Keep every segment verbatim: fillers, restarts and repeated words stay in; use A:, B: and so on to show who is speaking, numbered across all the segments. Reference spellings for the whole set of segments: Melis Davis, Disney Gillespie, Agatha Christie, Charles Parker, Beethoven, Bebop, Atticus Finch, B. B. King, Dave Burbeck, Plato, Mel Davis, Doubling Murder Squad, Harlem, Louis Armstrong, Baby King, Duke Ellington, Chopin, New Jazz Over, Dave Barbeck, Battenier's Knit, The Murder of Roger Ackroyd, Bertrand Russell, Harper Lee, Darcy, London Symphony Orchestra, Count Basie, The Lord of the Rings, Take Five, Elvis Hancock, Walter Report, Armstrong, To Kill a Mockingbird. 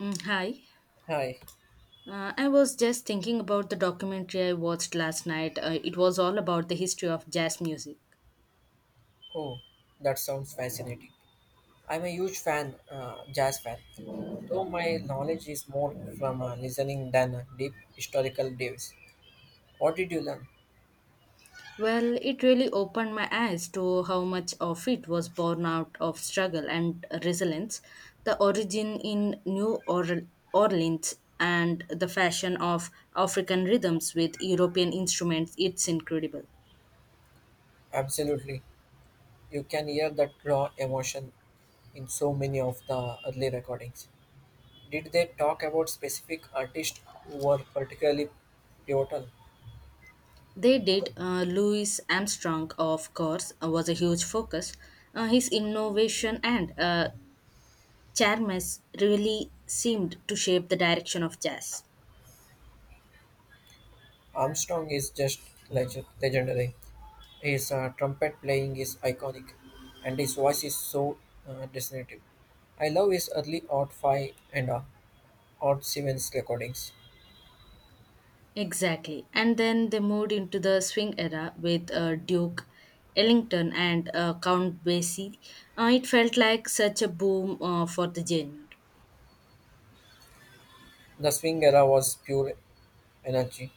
A: Mm, Hi.
B: Hi.
A: Uh, I was just thinking about the documentary I watched last night. Uh, it was all about the history of jazz music.
B: Oh, that sounds fascinating. I'm a huge fan, uh, jazz fan, though my knowledge is more from uh, listening than uh, deep historical dives. What did you learn?
A: Well, it really opened my eyes to how much of it was born out of struggle and resilience, the origin in New Orle- Orleans, and the fashion of African rhythms with European instruments. It's incredible.
B: Absolutely. You can hear that raw emotion in so many of the early recordings. Did they talk about specific artists who were particularly pivotal?
A: They did. Uh, Louis Armstrong, of course, uh, was a huge focus. Uh, his innovation and uh, Charmes really seemed to shape the direction of jazz.
B: Armstrong is just legend- legendary. His uh, trumpet playing is iconic, and his voice is so uh, distinctive. I love his early Odd five and uh, Odd seven's recordings.
A: Exactly. And then they moved into the swing era with uh, Duke Ellington and uh, Count Basie. Uh, it felt like such a boom uh, for the genre.
B: The swing era was pure energy,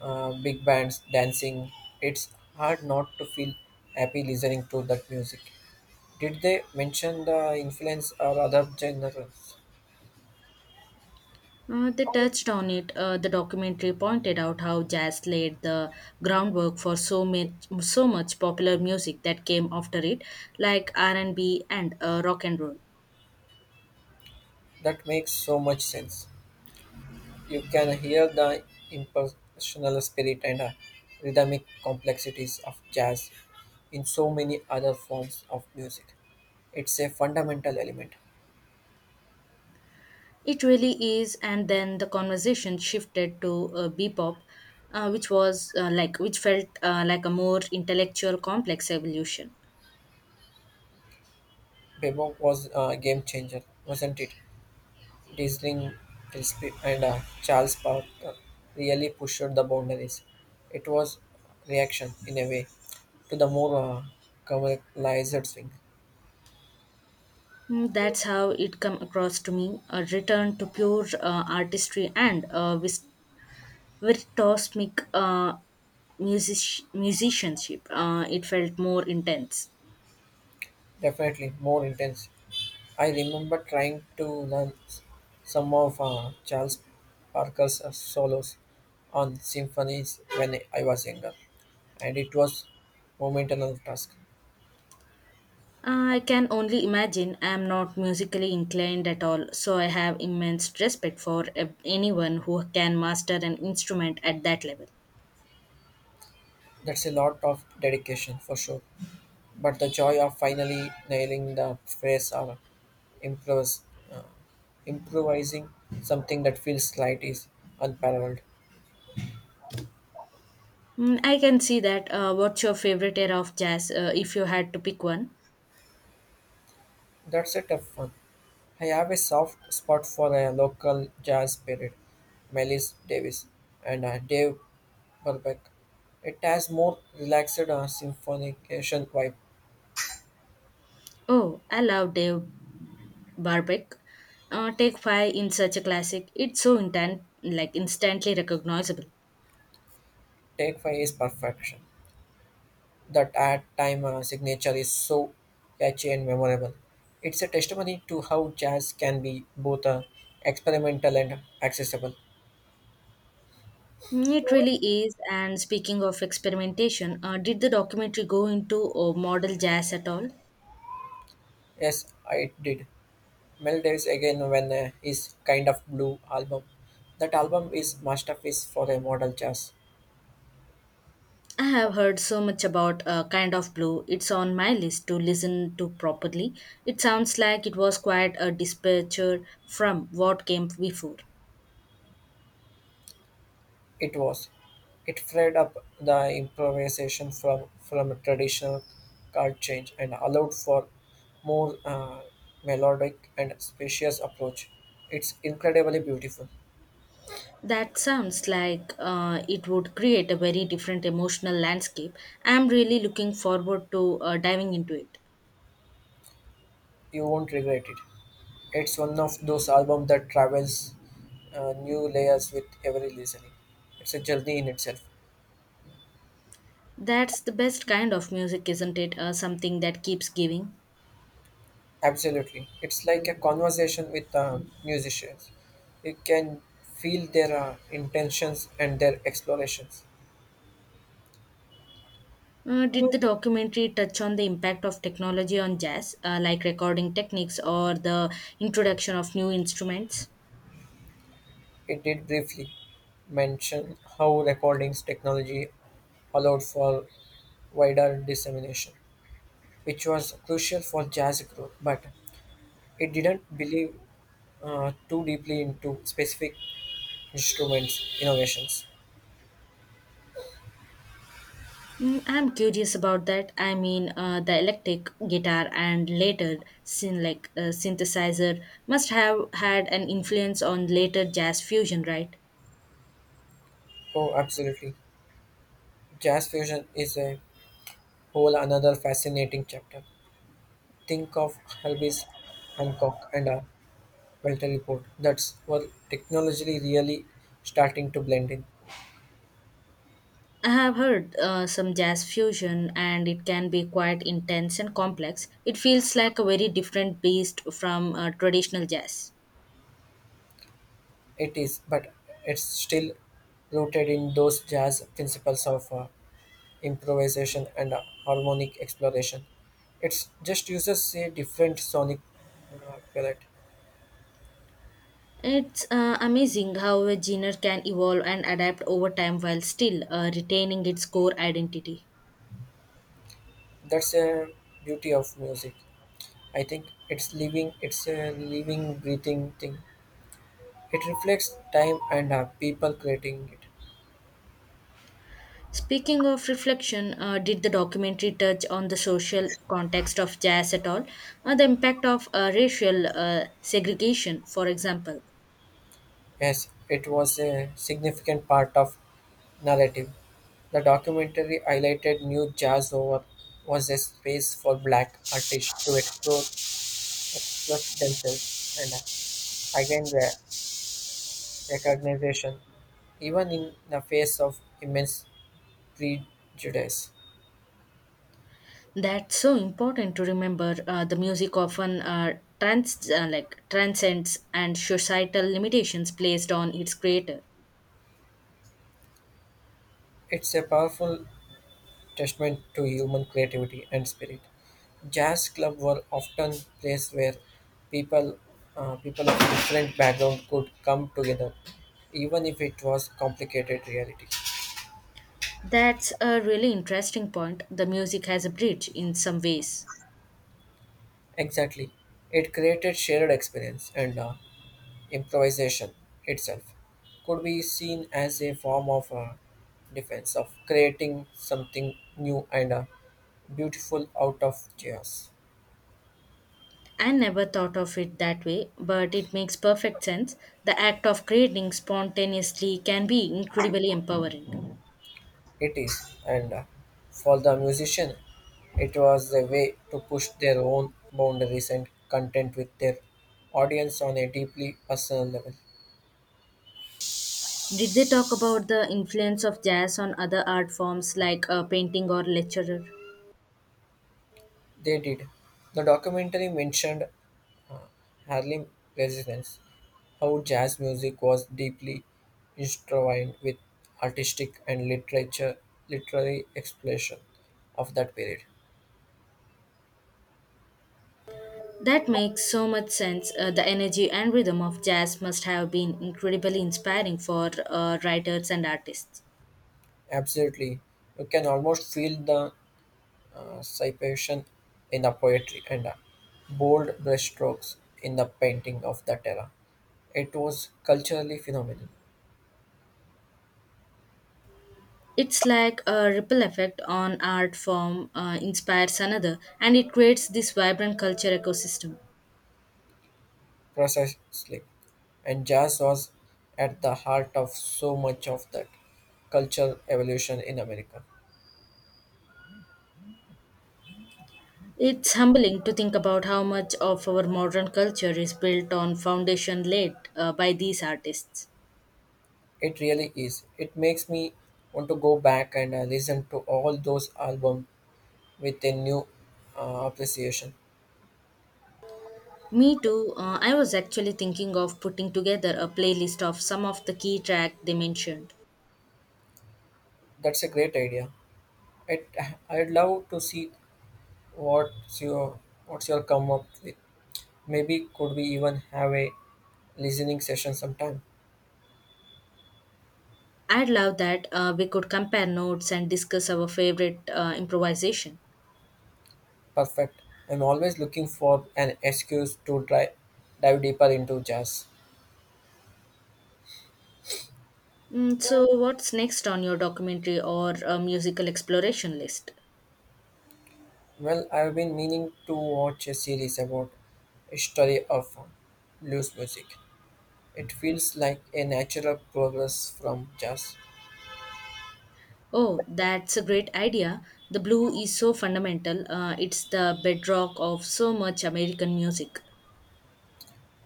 B: uh, big bands, dancing. It's hard not to feel happy listening to that music. Did they mention the influence or other genres?
A: Uh, they touched on it. Uh, the documentary pointed out how jazz laid the groundwork for so much, so much popular music that came after it, like R and B and B and uh, rock and roll.
B: That makes so much sense. You can hear the impersonal spirit and uh, rhythmic complexities of jazz in so many other forms of music. It's a fundamental element.
A: It really is, and then the conversation shifted to uh, Bebop, uh, which was uh, like which felt uh, like a more intellectual, complex evolution.
B: Bebop was a game changer, wasn't it? Disney Gillespie and uh, Charles Parker really pushed the boundaries. It was reaction, in a way, to the more uh, commercialized swing.
A: Mm, That's how it come across to me: a return to pure uh, artistry and uh, vis- virtuosmic uh, music- musicianship. Uh, it felt more intense.
B: Definitely more intense. I remember trying to learn s- some of uh, Charles Parker's uh, solos on symphonies when I was younger, and it was momentous task.
A: I can only imagine. I am not musically inclined at all, so I have immense respect for uh, anyone who can master an instrument at that level.
B: That's a lot of dedication for sure, but the joy of finally nailing the phrase or improvise, uh, improvising something that feels slight is unparalleled.
A: Mm, I can see that. Uh, what's your favorite era of jazz uh, if you had to pick one?
B: That's a tough one. I have a soft spot for a local jazz spirit, Melis Davis and uh, Dave Burbeck. It has more relaxed uh, symphonication vibe.
A: Oh, I love Dave Barbeck. Uh, Take Five in such a classic. It's so intent, like instantly recognizable.
B: Take five is perfection. That at time uh, signature is so catchy and memorable. It's a testimony to how jazz can be both uh, experimental and accessible.
A: Mm, It really is. And speaking of experimentation, uh, did the documentary go into uh, model jazz at all?
B: Yes, I did. Mel Davis again when uh, his Kind of Blue album. That album is masterpiece for a modern jazz.
A: I have heard so much about uh, Kind of Blue. It's on my list to listen to properly. It sounds like it was quite a departure from what came before.
B: It was. It freed up the improvisation from, from a traditional chord change and allowed for more uh, melodic and spacious approach. It's incredibly beautiful.
A: That sounds like uh, it would create a very different emotional landscape. I'm really looking forward to uh, diving into it.
B: You won't regret it. It's one of those albums that travels uh, new layers with every listening. It's a journey in itself.
A: That's the best kind of music, isn't it? Uh, something that keeps giving.
B: Absolutely. It's like a conversation with uh, musicians. You can feel their uh, intentions and their explorations.
A: Uh, did the documentary touch on the impact of technology on jazz, uh, like recording techniques or the introduction of new instruments?
B: It did briefly mention how recordings technology allowed for wider dissemination, which was crucial for jazz growth, but it didn't believe uh, too deeply into specific instruments innovations.
A: Mm, I'm curious about that. I mean, uh, the electric guitar and later syn- like uh, synthesizer must have had an influence on later jazz fusion, right?
B: Oh, absolutely. Jazz fusion is a whole another fascinating chapter. Think of Elvis Hancock and uh, Walter Report. That's where technology really starting to blend in.
A: I have heard uh, some jazz fusion, and it can be quite intense and complex. It feels like a very different beast from uh, traditional jazz.
B: It is, but it's still rooted in those jazz principles of uh, improvisation and uh, harmonic exploration. It's just uses a different sonic uh, palette.
A: It's uh, amazing how a genre can evolve and adapt over time while still uh, retaining its core identity.
B: That's a beauty of music. I think it's living. It's a living, breathing thing. It reflects time and uh, people creating it.
A: Speaking of reflection, uh, did the documentary touch on the social context of jazz at all? Or the impact of uh, racial uh, segregation, for example?
B: Yes, it was a significant part of narrative. The documentary highlighted New Jazz Over was a space for black artists to explore, express themselves, and again their recognition, even in the face of immense prejudice.
A: That's so important to remember. Uh, the music often uh, trans uh, like transcends and societal limitations placed on its creator.
B: It's a powerful testament to human creativity and spirit. Jazz clubs were often places where people uh, people of different backgrounds could come together, even if it was complicated reality.
A: That's a really interesting point. The music has a bridge in some ways.
B: Exactly, it created shared experience and uh, improvisation itself could be seen as a form of uh, defense of creating something new and uh, beautiful out of chaos.
A: I never thought of it that way, but it makes perfect sense. The act of creating spontaneously can be incredibly empowering.
B: It is, and uh, for the musician, it was a way to push their own boundaries and content with their audience on a deeply personal level.
A: Did they talk about the influence of jazz on other art forms like uh, painting or literature?
B: They did. The documentary mentioned uh, Harlem residents, how jazz music was deeply intertwined with artistic and literature, literary exploration of that period.
A: That makes so much sense. Uh, the energy and rhythm of jazz must have been incredibly inspiring for uh, writers and artists.
B: Absolutely, you can almost feel the uh, sypation in the poetry and uh, bold brushstrokes in the painting of that era. It was culturally phenomenal,
A: It's like a ripple effect on art form uh, inspires another, and it creates this vibrant culture ecosystem.
B: precisely, and jazz was at the heart of so much of that cultural evolution in America.
A: It's humbling to think about how much of our modern culture is built on foundation laid uh, by these artists.
B: It really is. It makes me want to go back and uh, listen to all those albums with a new uh, appreciation.
A: Me too, uh, I was actually thinking of putting together a playlist of some of the key tracks they mentioned.
B: That's a great idea. It, I'd love to see What's your what's your come up with? Maybe could we even have a listening session sometime?
A: I'd love that uh, we could compare notes and discuss our favorite uh, improvisation.
B: Perfect. I'm always looking for an excuse to dive dive deeper into jazz.
A: Mm, so, what's next on your documentary or uh, musical exploration list?
B: Well, I've been meaning to watch a series about history of blues music. It feels like a natural progress from jazz.
A: Oh, that's a great idea. The blue is so fundamental, uh, it's the bedrock of so much American music.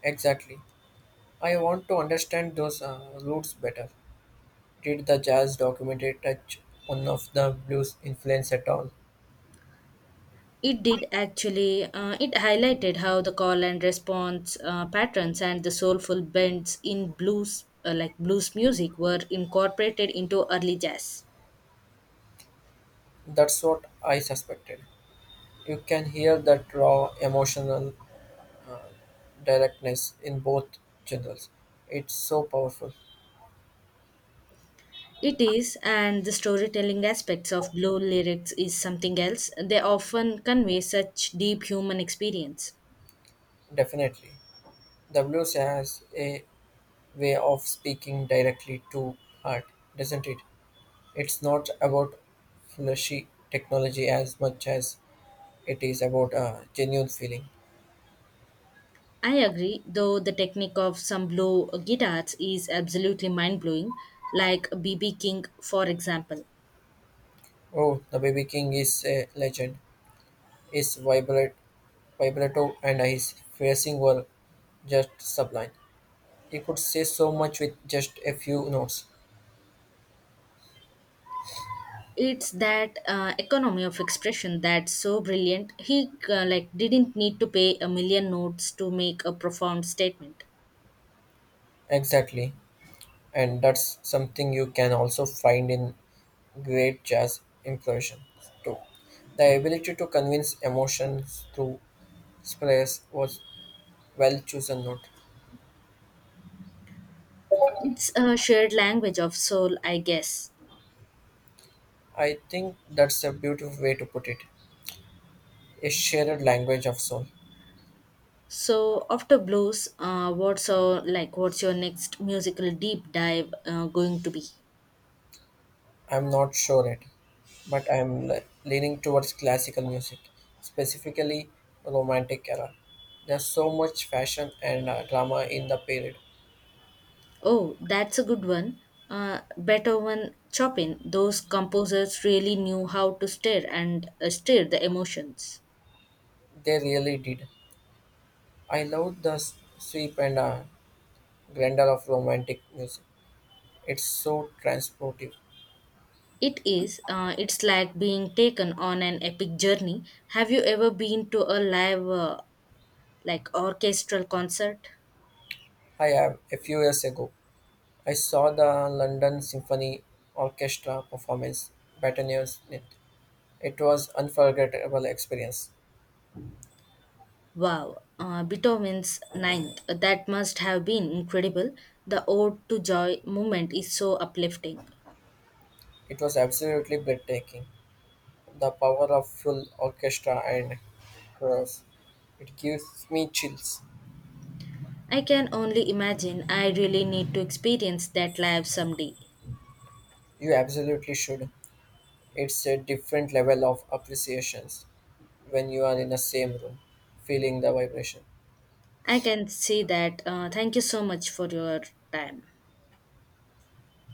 B: Exactly. I want to understand those uh, roots better. Did the jazz documentary touch one of the blues influence at all?
A: It did actually. Uh, it highlighted how the call and response uh, patterns and the soulful bends in blues, uh, like blues music, were incorporated into early jazz.
B: That's what I suspected. You can hear that raw emotional uh, directness in both genres. It's so powerful,
A: It is, and the storytelling aspects of blue lyrics is something else. They often convey such deep human experience.
B: definitely. The blues has a way of speaking directly to heart, doesn't it? It's not about flashy technology as much as it is about a genuine feeling.
A: I agree, though the technique of some blue guitars is absolutely mind blowing, like B. B. King, for example.
B: Oh, the Baby King is a legend. His vibrat- vibrato and his phrasing were just sublime. You could say so much with just a few notes.
A: It's that uh, economy of expression that's so brilliant. He uh, like didn't need to pay a million notes to make a profound statement.
B: Exactly. And that's something you can also find in great jazz improvisation too. The ability to convince emotions through space was well chosen note.
A: It's a shared language of soul, I guess.
B: I think that's a beautiful way to put it. A shared language of soul.
A: So after blues, uh, what's your like what's your next musical deep dive uh, going to be?
B: I'm not sure yet, but I'm le- leaning towards classical music, specifically romantic era. There's so much fashion and uh, drama in the period.
A: Oh, that's a good one. uh, Beethoven, Chopin, those composers really knew how to stir and uh, stir the emotions.
B: They really did. I loved the s- sweep and uh, grandeur of romantic music. It's so transportive.
A: It is. Uh, it's like being taken on an epic journey. Have you ever been to a live, uh, like orchestral concert?
B: I have a few years ago. I saw the London Symphony Orchestra performance, Battenier's Knit. It was unforgettable experience.
A: Wow, uh, Beethoven's Ninth. That must have been incredible. The Ode to Joy moment is so uplifting.
B: It was absolutely breathtaking. The power of full orchestra and chorus. It gives me chills.
A: I can only imagine. I really need to experience that live someday.
B: You absolutely should. It's a different level of appreciations when you are in the same room feeling the vibration
A: I can see that. Uh, thank you so much for your time.